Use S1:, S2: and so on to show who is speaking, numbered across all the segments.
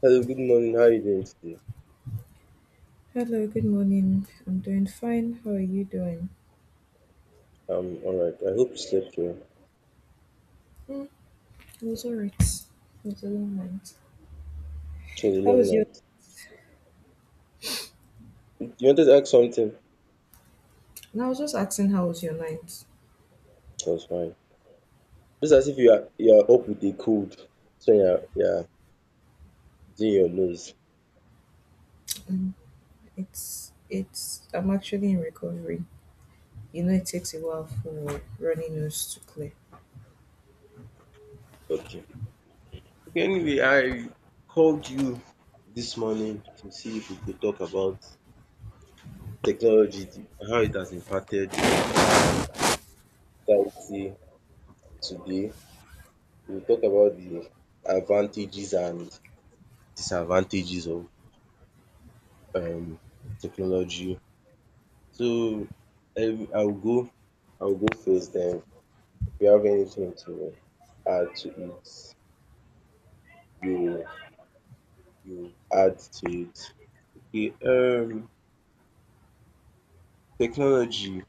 S1: Hello, good morning. How are you doing today?
S2: Hello, good morning. I'm doing fine. How are you doing?
S1: I'm alright. I hope you slept well.
S2: Hmm, it was alright. It was a long night.
S1: It was a
S2: How
S1: long
S2: was your?
S1: night. You wanted to ask something?
S2: No, I was just asking how was your night.
S1: It was fine. Just as if you are up with a cold. So yeah, yeah, doing your nose.
S2: Um, it's I'm actually in recovery. You know, it takes a while for runny nose to clear.
S1: Okay. Okay, anyway, I called you this morning to see if we could talk about technology, how it has impacted our society today. We'll talk about the advantages and disadvantages of um technology. So every I'll go first, then if you have anything to add to it, you you add to it. Okay, technology.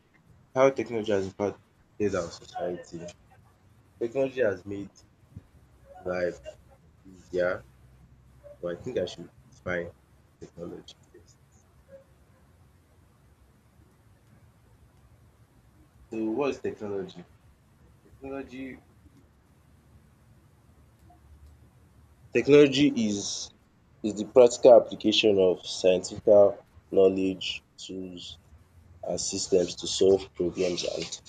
S1: How technology has impacted our society. Technology has made life easier, but I think I should define technology first. So what is technology? Technology technology is the practical application of scientific knowledge, tools as systems to solve problems and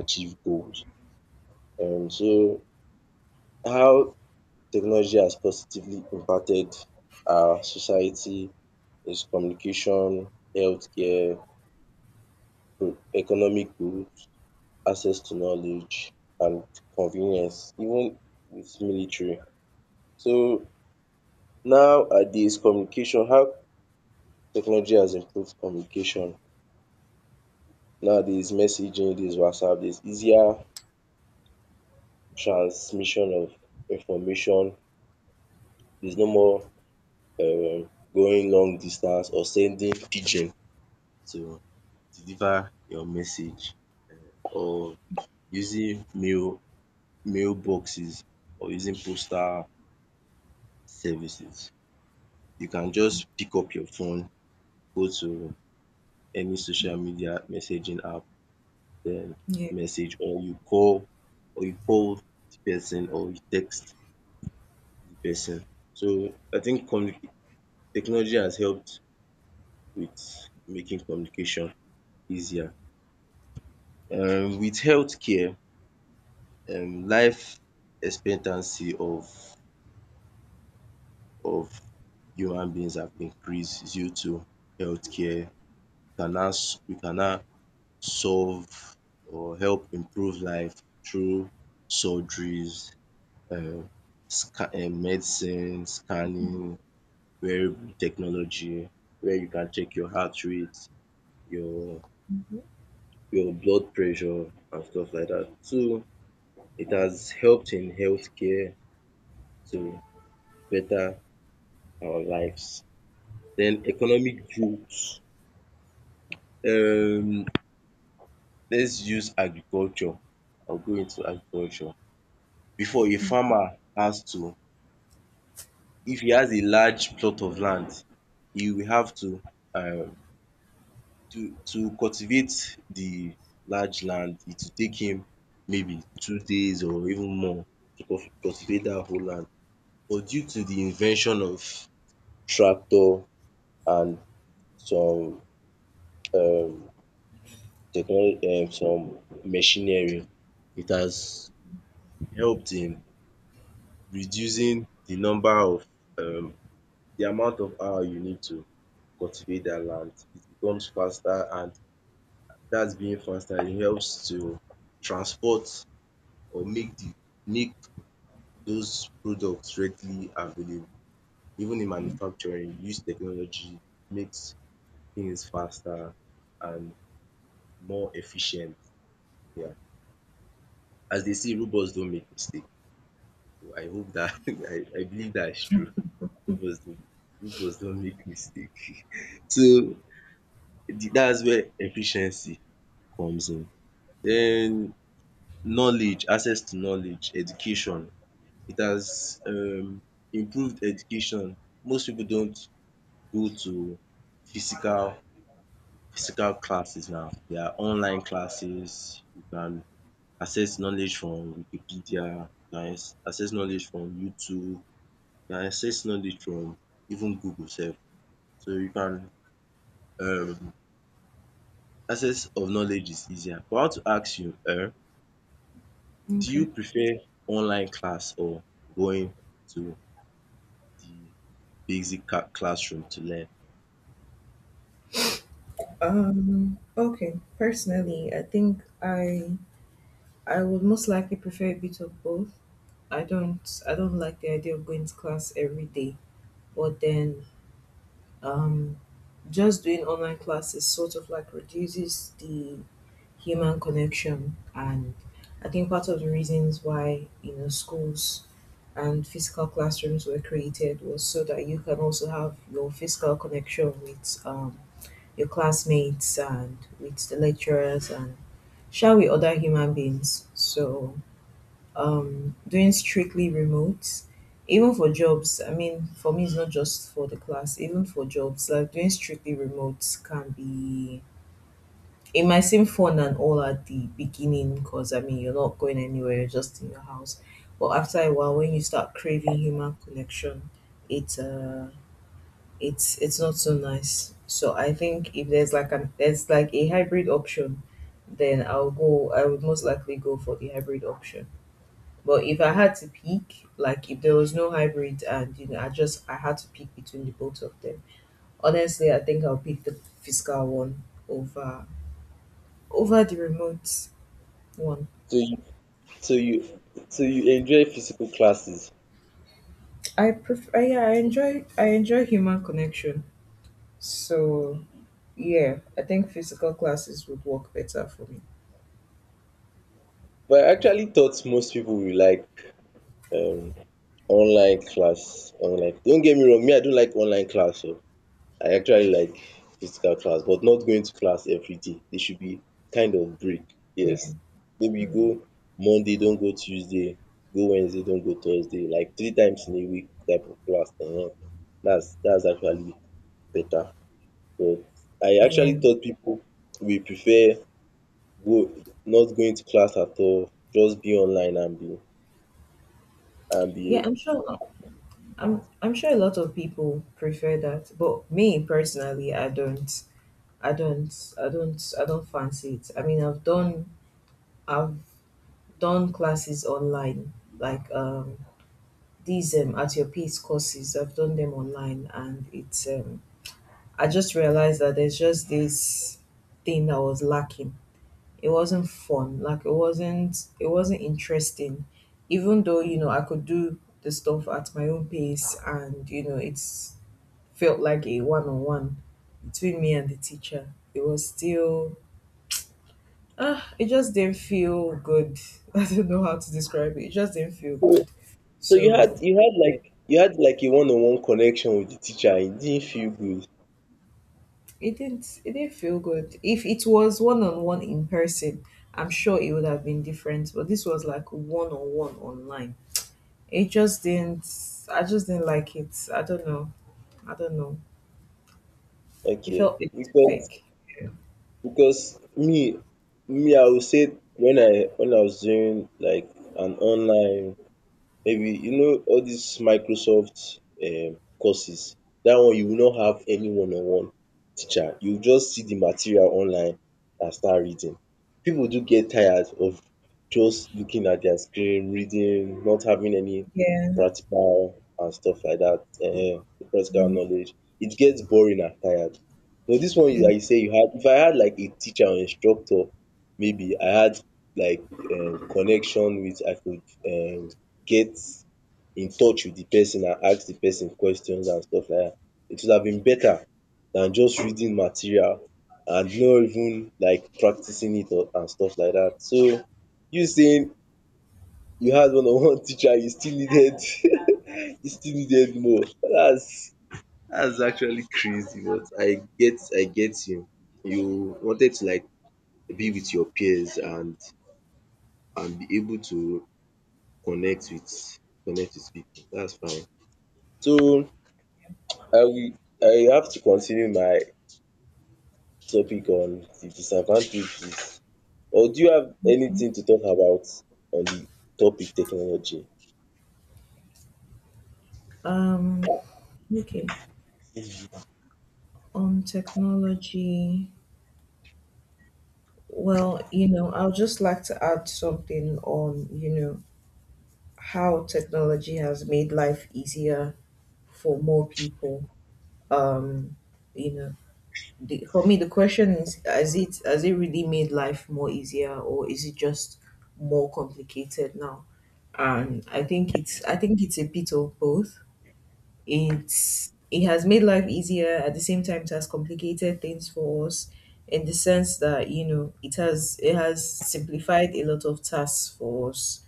S1: achieve goals. So how technology has positively impacted our society is communication, healthcare, economic growth, access to knowledge and convenience, even with military. So nowadays communication, how technology has improved communication. Nowadays messaging, this WhatsApp, there's easier transmission of information. There's no more going long distance or sending pigeon to deliver your message, or using mail boxes, or using postal services. You can just pick up your phone, go to any social media messaging app, then
S2: Yeah.
S1: message, or you call, or you call the person, or you text the person. So I think technology has helped with making communication easier. With healthcare, life expectancy of human beings have increased due to healthcare. We can now solve or help improve life through surgeries, um medicine, scanning, wearable technology where you can check your heart rate, your
S2: Mhm.
S1: your blood pressure and stuff like that. So it has helped in healthcare. Care to better our lives. Then economic growth, um let's use agriculture. I'll go into agriculture. Before, a farmer has to, if he has a large plot of land, he will have to um to cultivate the large land, it will take him maybe 2 days or even more to cultivate that whole land. But due to the invention of tractor and some um technology, some machinery, it has helped in reducing the number of um the amount of hour you need to cultivate that land. It becomes faster, and that's being faster, it helps to transport or make those products readily available. Even in manufacturing, use technology makes things faster and more efficient. Yeah. As they say, robots don't make mistakes. I hope that. I believe that is true. It does. It not does don't make mistake. So the that's where efficiency comes in. Then knowledge, access to knowledge, education. It has improved education. Most people don't go to physical physical classes now. There are online classes. You can access knowledge from Wikipedia, you can access knowledge from YouTube, and access knowledge from even Google sef. So you can um access of knowledge is easier. But I want to ask you, do you
S2: Okay.
S1: prefer online class or going to the basic ca classroom to learn?
S2: Okay. Personally, I think I would most likely prefer a bit of both. I don't like the idea of going to class every day, but then um just doing online classes sort of like reduces the human connection, and I think part of the reasons why you know schools and physical classrooms were created was so that you can also have your physical connection with your classmates and with the lecturers and shall we other human beings. So doing strictly remote, even for jobs. I mean, for me, it's not just for the class, even for jobs, like doing strictly remote can be, it might seem fun and all at the beginning because I mean, you're not going anywhere, you're just in your house. But after a while, when you start craving human connection, it's it's not so nice. So I think if there's like an there's like a hybrid option, then I'll go. I would most likely go for the hybrid option. But if I had to pick, like if there was no hybrid and you know I had to pick between the both of them, honestly I think I'll pick the physical one over over the remote one.
S1: So you so you so you enjoy physical classes?
S2: Yeah, I enjoy human connection. So yeah, I think physical classes would work better for me.
S1: But I actually thought most people will like um online class. Online, don't get me wrong, me I don't like online class o. I actually like physical class, but not going to class everyday. There should be kind of break.
S2: Yeah.
S1: Yes, maybe you
S2: Mm.
S1: go Monday, don't go Tuesday, go Wednesday, don't go Thursday, like three times in a week type of class. That's actually better. But I actually
S2: Yeah,
S1: thought people will prefer go not going to class at all, just be online and be and
S2: yeah,
S1: be.
S2: I'm sure. I'm sure a lot of people prefer that, but me personally, I don't. I don't I don't fancy it. I mean I've done classes online like these at your pace courses I've done them online, and it's I just realized that there's just this thing that was lacking. It wasn't fun, like it wasn't interesting. Even though, you know, I could do the stuff at my own pace, and you know it's felt like a one on one between me and the teacher. It was still uh, it just didn't feel good. I don't know how to describe it. It just didn't feel
S1: so
S2: good.
S1: so you had
S2: So
S1: you had
S2: yeah,
S1: like you had like a one on one connection with the teacher. It didn't feel good.
S2: it didn't feel good. If it was one on one in person, I'm sure it would have been different. But this was like one on one online. It just didn't. I just didn't like it. I don't know. I don't know. It felt
S1: Okay,
S2: a bit
S1: because
S2: fake. Yeah.
S1: because me I will say when I was doing like an online, maybe you know all these Microsoft courses, that one you will not have any one on one teacher, you just see the material online and start reading. People do get tired of just looking at their screen, reading, not having any
S2: Yeah.
S1: practical and stuff like that, practical
S2: Mhm,
S1: knowledge. It gets boring and tired. But this one,
S2: yeah.
S1: like you say you had, if I had like a teacher or instructor, maybe I had like connection with, I could um get in touch with the person and ask the person questions and stuff like that. It would have been better than just reading material and not even like practicing it or and stuff like that. So you saying you had one on one teacher, you still needed. You still needed more. That's actually crazy, but I get you. You wanted to like be with your peers and be able to connect with connect with people. That's fine. So I will I have to continue my topic on the disadvantages, or do you have anything to talk about on the topic technology?
S2: Um. Okay. On technology. Well, you know, I would just like to add something on, you know, how technology has made life easier for more people. Um, you know, the, for me, the question is, has it really made life more easier, or is it just more complicated now? And I think it's a bit of both. It's it has made life easier; at the same time, it has complicated things for us in the sense that you know it has simplified a lot of tasks for us.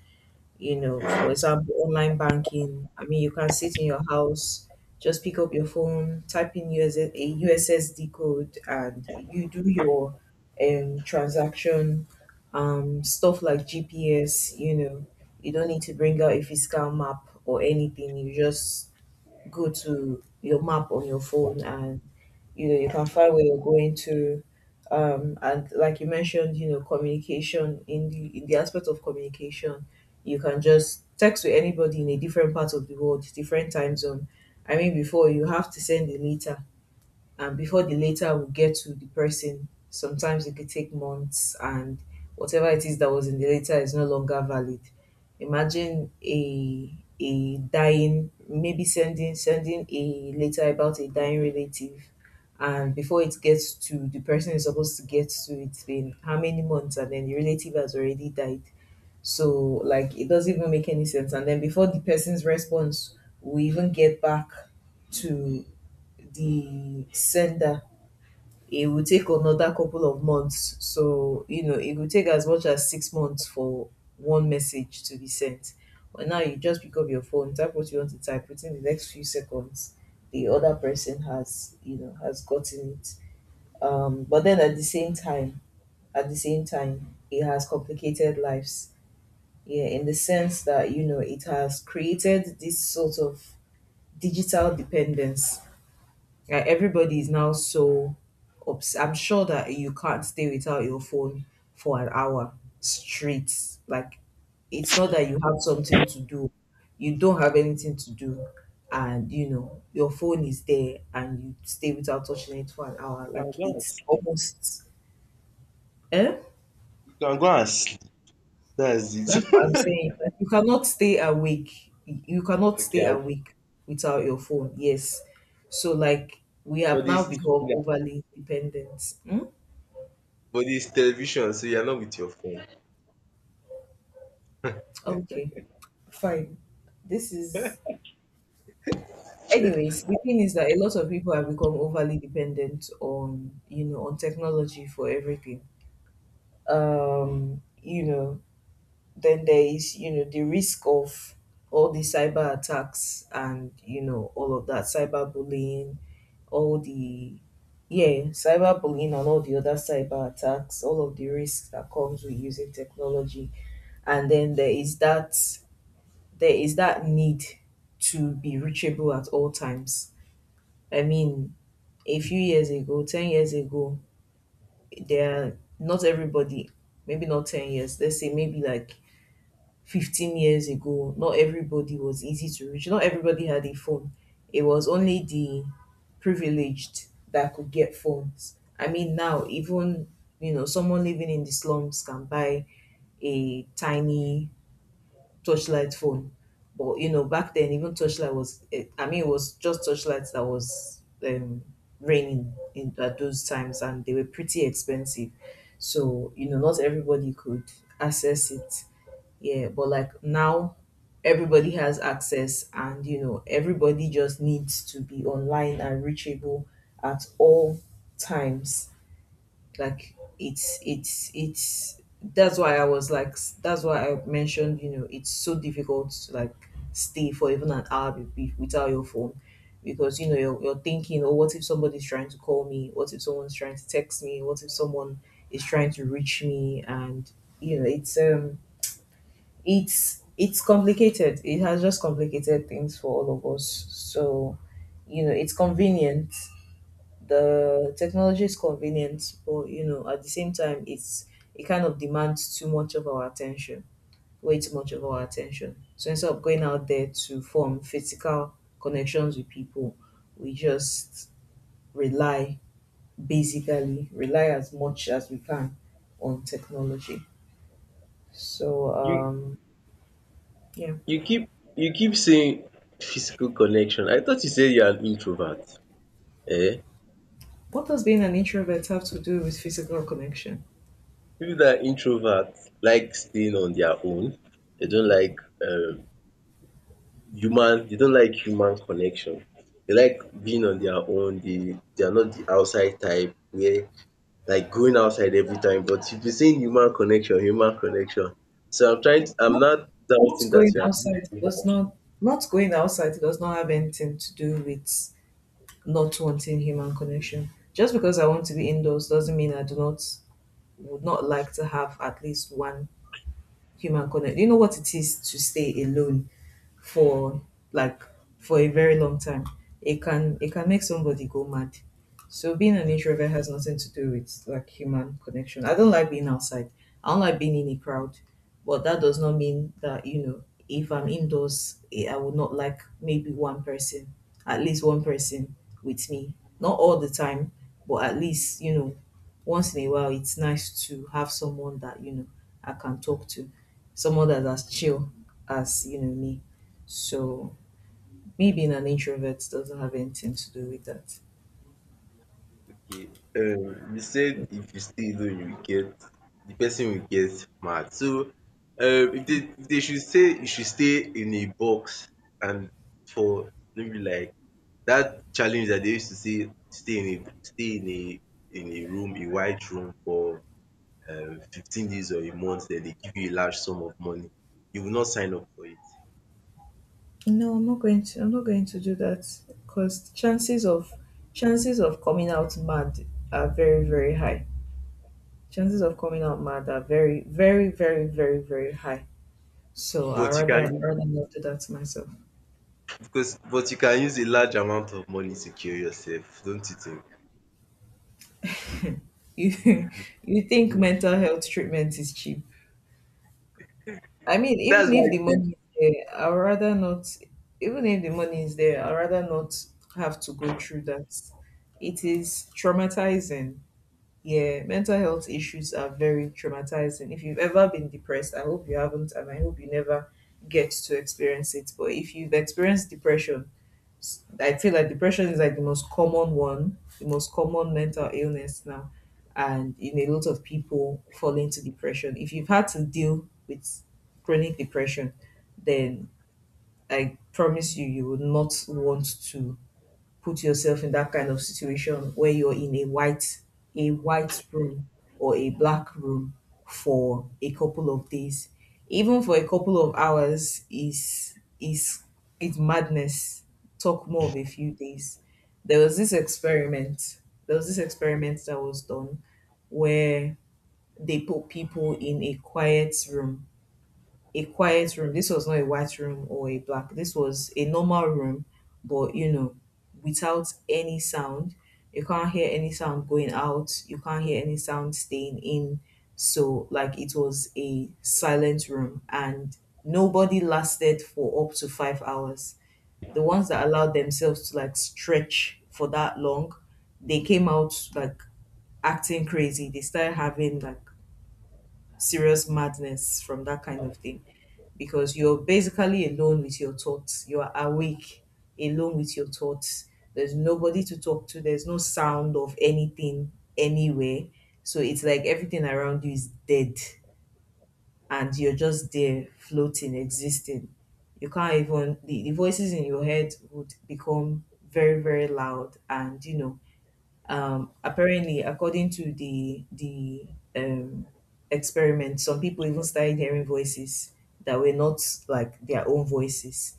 S2: You know, for example, online banking, I mean you can sit in your house, just pick up your phone, type in US, a ussd code, and you do your transaction. Stuff like gps, you know, you don't need to bring out a physical map or anything, you just go to your map on your phone and you know you can find where you're going to. And like you mentioned, you know, communication in the aspect of communication, you can just text with anybody in a different part of the world, different time zone. I mean, before you have to send a letter, and before the letter will get to the person, sometimes it could take months, and whatever it is that was in the letter is no longer valid. Imagine a dying, maybe sending a letter about a dying relative, and before it gets to the person is supposed to get to, it's been how many months, and then the relative has already died. So like it doesn't even make any sense. And then before the person's response, we even get back to the sender, it will take another couple of months. So, you know, it will take as much as 6 months for one message to be sent. But now you just pick up your phone, type what you want to type, within the next few seconds, the other person has, you know, has gotten it. But then at the same time, at the same time, it has complicated lives. Yeah, in the sense that, you know, it has created this sort of digital dependence. Yeah, everybody is now so I'm sure that you can't stay without your phone for an hour straight. Like it's not that you have something to do, you don't have anything to do, and you know your phone is there, and you stay without touching it for an hour.
S1: You can
S2: Like
S1: go and
S2: it's
S1: sleep.
S2: almost eh.
S1: You can go and sleep. That's
S2: That's what
S1: it.
S2: I'm saying. Like, you cannot stay awake. You cannot stay
S1: Okay, I
S2: awake without your phone. Yes. So like we have
S1: but
S2: now
S1: it's still
S2: become
S1: there.
S2: overly dependent. Hmm?
S1: But it's television, so you're not with your phone.
S2: Okay. Fine. This is, anyways, the thing is that a lot of people have become overly dependent on, you know, on technology for everything. You know, then there is, you know, the risk of all the cyber attacks and, you know, all of that cyber bullying, all the, yeah, cyber bullying and all the other cyber attacks, all of the risks that comes with using technology. And then there is that need to be reachable at all times. I mean, a few years ago, 10 years ago, there not everybody, maybe not 10 years, let's say maybe like 15 years ago, not everybody was easy to reach. Not everybody had a phone. It was only the privileged that could get phones. I mean, now even, you know, someone living in the slums can buy a tiny touchlight phone. But you know, back then even touchlight was eh, I mean it was just touchlights that was raining in at those times, and they were pretty expensive. So, you know, not everybody could access it. Yeah, but like now everybody has access, and you know everybody just needs to be online and reachable at all times. Like it's that's why I was like that's why I mentioned, you know, it's so difficult to like stay for even an hour without your phone because you know you're thinking oh what if somebody's trying to call me, what if someone's trying to text me, what if someone is trying to reach me. And you know it's complicated, it has just complicated things for all of us. So you know it's convenient, the technology is convenient, but you know, at the same time, it's it kind of demands too much of our attention, way too much of our attention. So instead of going out there to form physical connections with people, we just rely basically rely as much as we can on technology. So
S1: You
S2: yeah,
S1: you keep you keep saying physical connection. I thought you said you're an introvert. Eh?
S2: what does being an introvert have to do with physical connection?
S1: People that are introvert like staying on their own. They don't like um they don't like human connection. They like being on their own. They are not the outside type where like going outside every time. But you've been saying human connection, human connection. So I'm trying to, I'm
S2: Not
S1: not
S2: not
S1: doubting that
S2: going
S1: you
S2: outside does
S1: are
S2: Not going outside does not have anything to do with not wanting human connection. Just because I want to be indoors doesn't mean I do not would not like to have at least one human connection. You know what it is to stay alone for like for a very long time. It can make somebody go mad. So being an introvert has nothing to do with like human connection. I don't like being outside. I don't like being in a crowd. But that does not mean that, you know, if I'm indoors, eh, I would not like maybe one person, at least one person with me. Not all the time, but at least, you know, once in a while it's nice to have someone that, you know, I can talk to. Someone that's as chill as, you know, me. So me being an introvert doesn't have anything to do with that.
S1: okay. You said if you stay alone, you will get, the person will get mad. So, if they should say you should stay in a box and for maybe like, that challenge that they used to see, stay in a room, a white room for 15 days or a month, then they give you a large sum of money. You will not sign up for it.
S2: No, I'm not going to. I'm not going to do that because chances of coming out mad are very very high. Chances of coming out mad are very very very very very high. So I
S1: But you
S2: rather
S1: can,
S2: rather not do that to myself.
S1: because but you can use a large amount of money to cure yourself, don't you think?
S2: You you think mental health treatment is cheap? I mean,
S1: That's
S2: even
S1: why
S2: if the
S1: I think.
S2: money is there, I'd rather not, even if the money is there, I'd rather not have to go through that. It is traumatizing. Yeah, mental health issues are very traumatizing. If you've ever been depressed, I hope you haven't, and I hope you never get to experience it. But if you've experienced depression, I feel like depression is like the most common one, the most common mental illness now, and in a lot of people fall into depression. If you've had to deal with chronic depression, then I promise you, you would not want to put yourself in that kind of situation where you're in a white room or a black room for a couple of days. Even for a couple of hours is it's madness, talk more of a few days. there was this experiment there was this experiment that was done where they put people in a quiet room. This was not a white room or a black. This was a normal room, but you know, without any sound. You can't hear any sound going out. You can't hear any sound staying in. So, like, it was a silent room, and nobody lasted for up to 5 hours. The ones that allowed themselves to like stretch for that long, they came out like acting crazy. They started having like serious madness from that kind of thing because you're basically alone with your thoughts. You are awake, alone with your thoughts. There's nobody to talk to, there's no sound of anything anywhere. So it's like everything around you is dead and you're just there floating, existing. You can't even, the voices in your head would become very, very loud and, you know, apparently, according to the um experiment, some people even started hearing voices that were not like their own voices.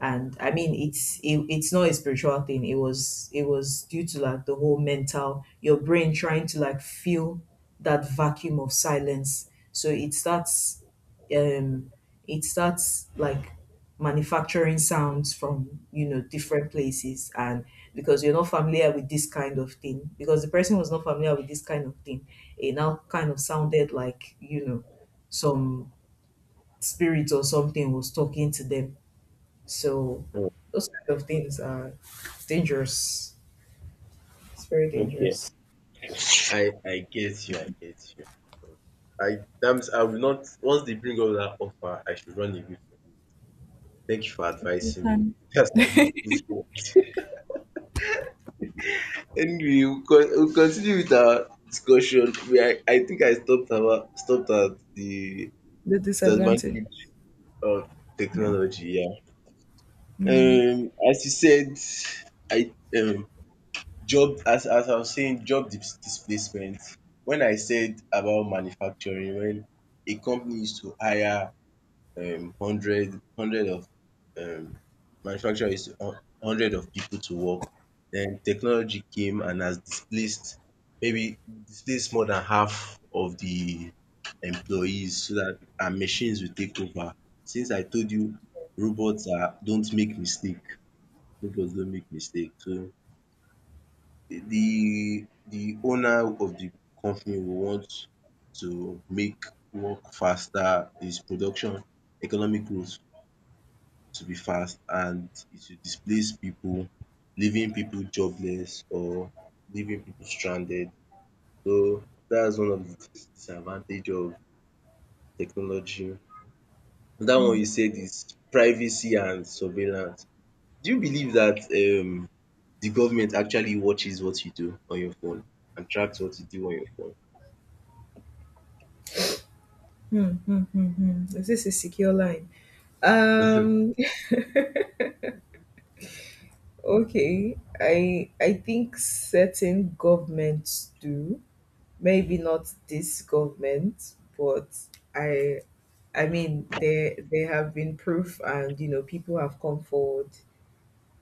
S2: And I mean it's not a spiritual thing. It was due to like the whole mental, your brain trying to like fill that vacuum of silence. So it starts, um it starts like manufacturing sounds from, you know, different places. And because you're not familiar with this kind of thing because the person was not familiar with this kind of thing, it now kind of sounded like, you know, some spirit or something was talking to them. So
S1: Oh,
S2: those kind of things are dangerous. It's very
S1: okay.
S2: dangerous.
S1: I get you, I get you. I That means I will not, once they bring up that offer, I should run away from it. Thank you for advising me. That's why you good for. Anyway, we'll con we'll continue with our discussion. We are I think I stopped, about stopped at the
S2: The disadvantage.
S1: disadvantage of technology, yeah.
S2: Yeah.
S1: Um, as you said, I job, as I was saying, job displacement. When I said about manufacturing, when a company used to hire hundred hundred of um manufacturer used to hun hundred of people to work. Then technology came and has displaced, maybe displaced more than half of the employees, so that and machines will take over. Since I told you robots are don't make mistake, robots don't make mistake. So the owner of the company will want to make work faster, his production, economic growth to be fast, and it will displace people, leaving people jobless or leaving people stranded. So that's one of the disadvantage of technology. Another one you said is privacy and surveillance. Do you believe that um the government actually watches what you do on your phone and tracks what you do on your phone?
S2: Is this a secure line? Um okay. I think certain governments do. Maybe not this government, but I I mean, there have been proof, and you know, people have come forward,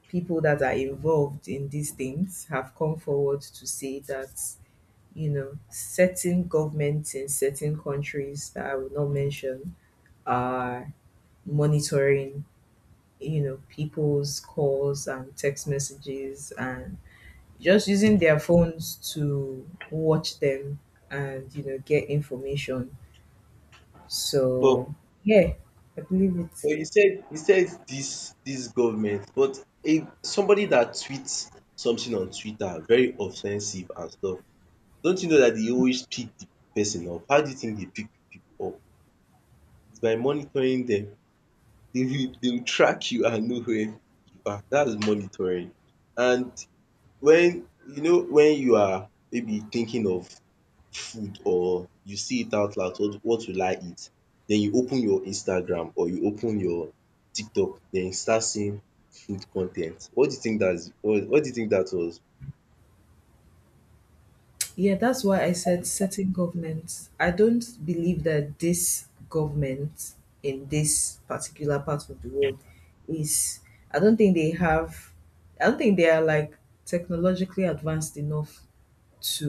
S2: people that are involved in these things have come forward to say that, you know, certain governments in certain countries that I will not mention are monitoring, you know, people's calls and text messages and just using their phones to watch them and, you know, get information.
S1: But
S2: So, yeah, I believe it.
S1: but you said this government, but if somebody that tweets something on Twitter very offensive and stuff, don't you know that they always pick the person up? How do you think they pick people up? It's by monitoring them. They will track you and know where you are. That is monitoring. And when you know, when you are maybe thinking of food, or you see it out loud, “What will I eat?” Then you open your Instagram or you open your TikTok, then you start seeing food con ten t. What do you think that's? What do you think that was?
S2: Yeah, that's why I said certain governments. I don't believe that this government in this particular part of the world is, I don't think they have, I don't think they are like technologically advanced enough to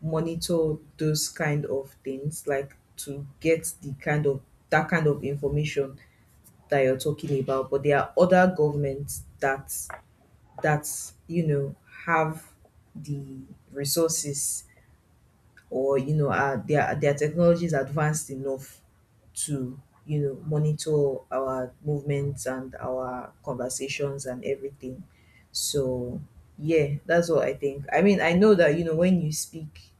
S2: monitor those kind of things, like to get the kind of, that kind of information that you're talking about. But there are other governments that, you know, have the resources, or you know their technology is advanced enough to, you know, monitor our movements and our conversations and everything. So yeah, that's what I think. I mean, I know that, you know, when you speak,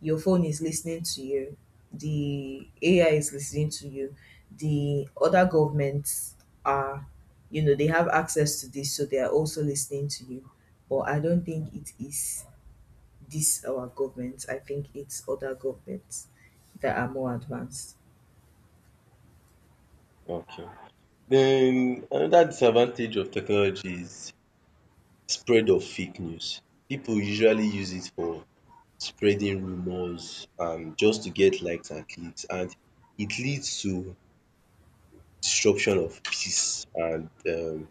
S2: your phone is listening to you, the AI is listening to you, the other governments are, you know, they have access to this, so they are also listening to you. But I don't think it is this our government. I think it's other governments that are more advanced.
S1: Okay. Then another disadvantage of technology is spread of fake news. People usually use it for spreading rumours and just to get likes and clicks, and it leads to disruption of peace and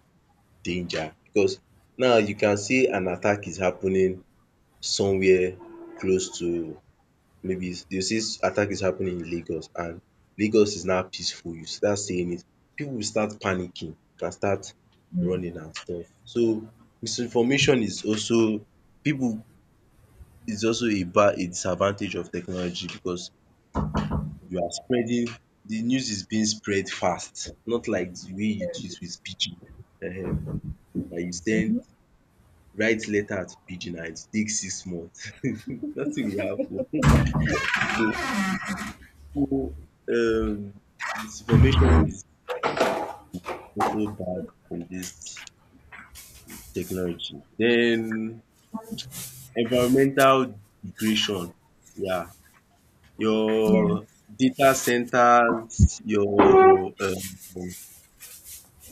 S1: danger, because now you can see an attack is happening somewhere close to, maybe dey say attack is happening in Lagos, and Lagos is now peaceful. You start saying it, people will start panicking and start
S2: Mm,
S1: running and stuff. So misinformation is also people, is also a bad, a disadvantage of technology, because you are spreading, the news is being spread fast, not like the way you do it with pidgin, um that you send, write letter to pidgin and it take 6 months. Nothing will happen. So, so um misinformation is also bad in this technology. Then, environmental degradation, yeah,
S2: yeah,
S1: your data centers, your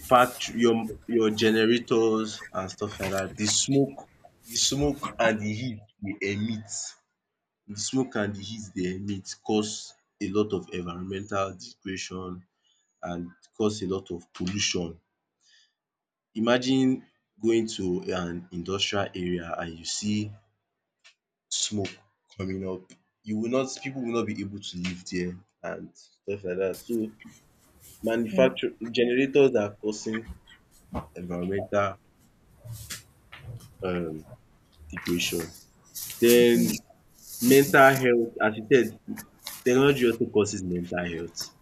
S1: factory, your generators and stuff like that. The smoke, the smoke and the heat dey emit, the smoke and the heat they emit cause a lot of environmental degradation and cause a lot of pollution. Imagine going to an industrial area and you see smoke coming up, you will not, people will not be able to live there and stuff like that. So
S2: yeah,
S1: manufacture generators are causing environmental um degradation. Then mental health, as you said, technology also causes mental health.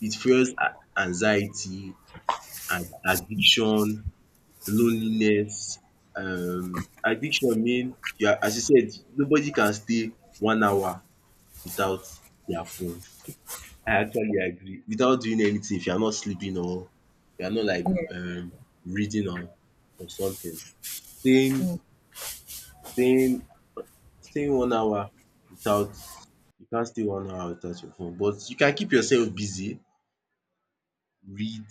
S1: It fuels anxiety and addiction, loneliness. Addiction mean you are, as you said, nobody can stay 1 hour without their phone. I actually agree. Without doing anything, if you are not sleeping or you are not like
S2: yeah.
S1: reading or something. Staying staying Staying 1 hour without, you can't stay 1 hour without your phone, but you can keep yourself busy, read,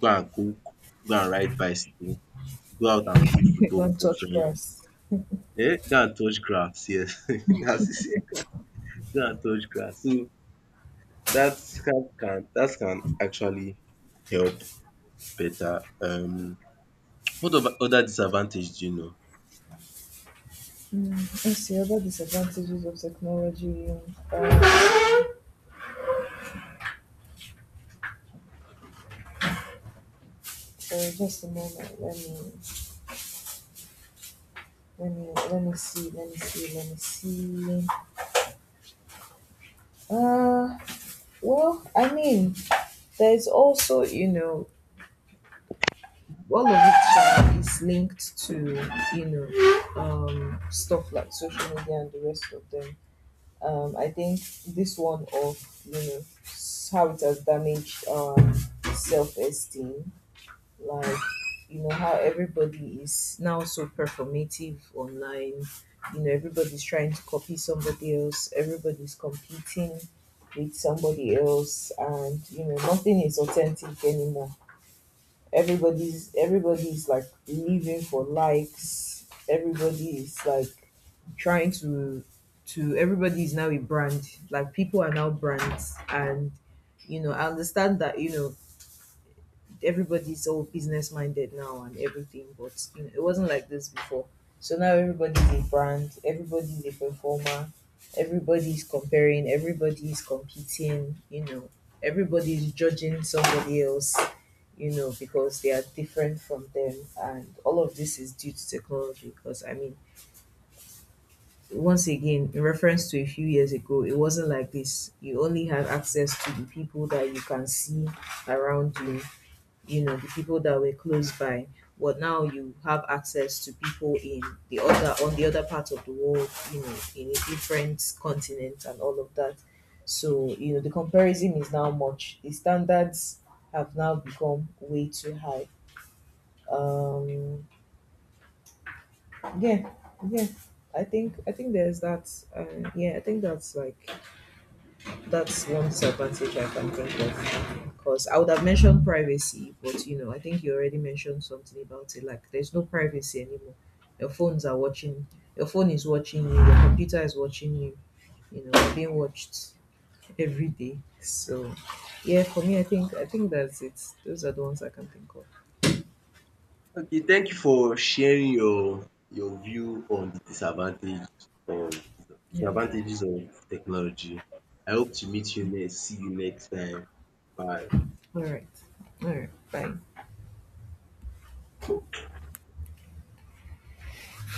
S1: go and cook, go and ride bicycle, go out and play football
S2: Don't
S1: with
S2: touch
S1: friends.
S2: grass.
S1: Eh, go and touch grass, yes. As you see, go and touch grass. So that can that can actually help better. What of other disadvantage do you know?
S2: Let's see other disadvantages of technology. Sorry, just a moment. Let me see. Let me see. Let me see. Uh, well, I mean, there is also, you know, all of it is linked to, you know, stuff like social media and the rest of them. I think this one of, you know, how it has damaged self esteem, like, you know, how everybody is now so performative online. You know, everybody's trying to copy somebody else. Everybody's competing with somebody else, and you know, nothing is authentic anymore. Everybody's like living for likes. Everybody is like trying to, everybody is now a brand. Like people are now brands, and you know, I understand that, you know, everybody's all business minded now and everything, but you know, it wasn't like this before. So now everybody's a brand, everybody's a performer, everybody's comparing, everybody's competing, you know, everybody's judging somebody else, you know, because they are different from them. And all of this is due to technology. Because, I mean, once again, in reference to a few years ago, it wasn't like this. You only had access to the people that you can see around you, you know, the people that were close by. But now you have access to people in the other on the other part of the world, you know, in a different continent and all of that. So, you know, the comparison is now much. The standards have now become way too high. um yeah. Yeah, I think there's that. Yeah, I think that's like, that's one disadvantage I can think of, because I would have mentioned privacy, but you know, I think you already mentioned something about it. Like, there's no privacy anymore. your phones are watching your phone is watching you, your computer is watching you, you know, you're being watched every day. So yeah, for me, I think that's it. Those are the ones I can think of.
S1: Okay, thank you for sharing your view on the disadvantage of
S2: Yeah.
S1: disadvantages of technology. I hope to meet you next, see you next time. Bye.
S2: All right. All right, bye.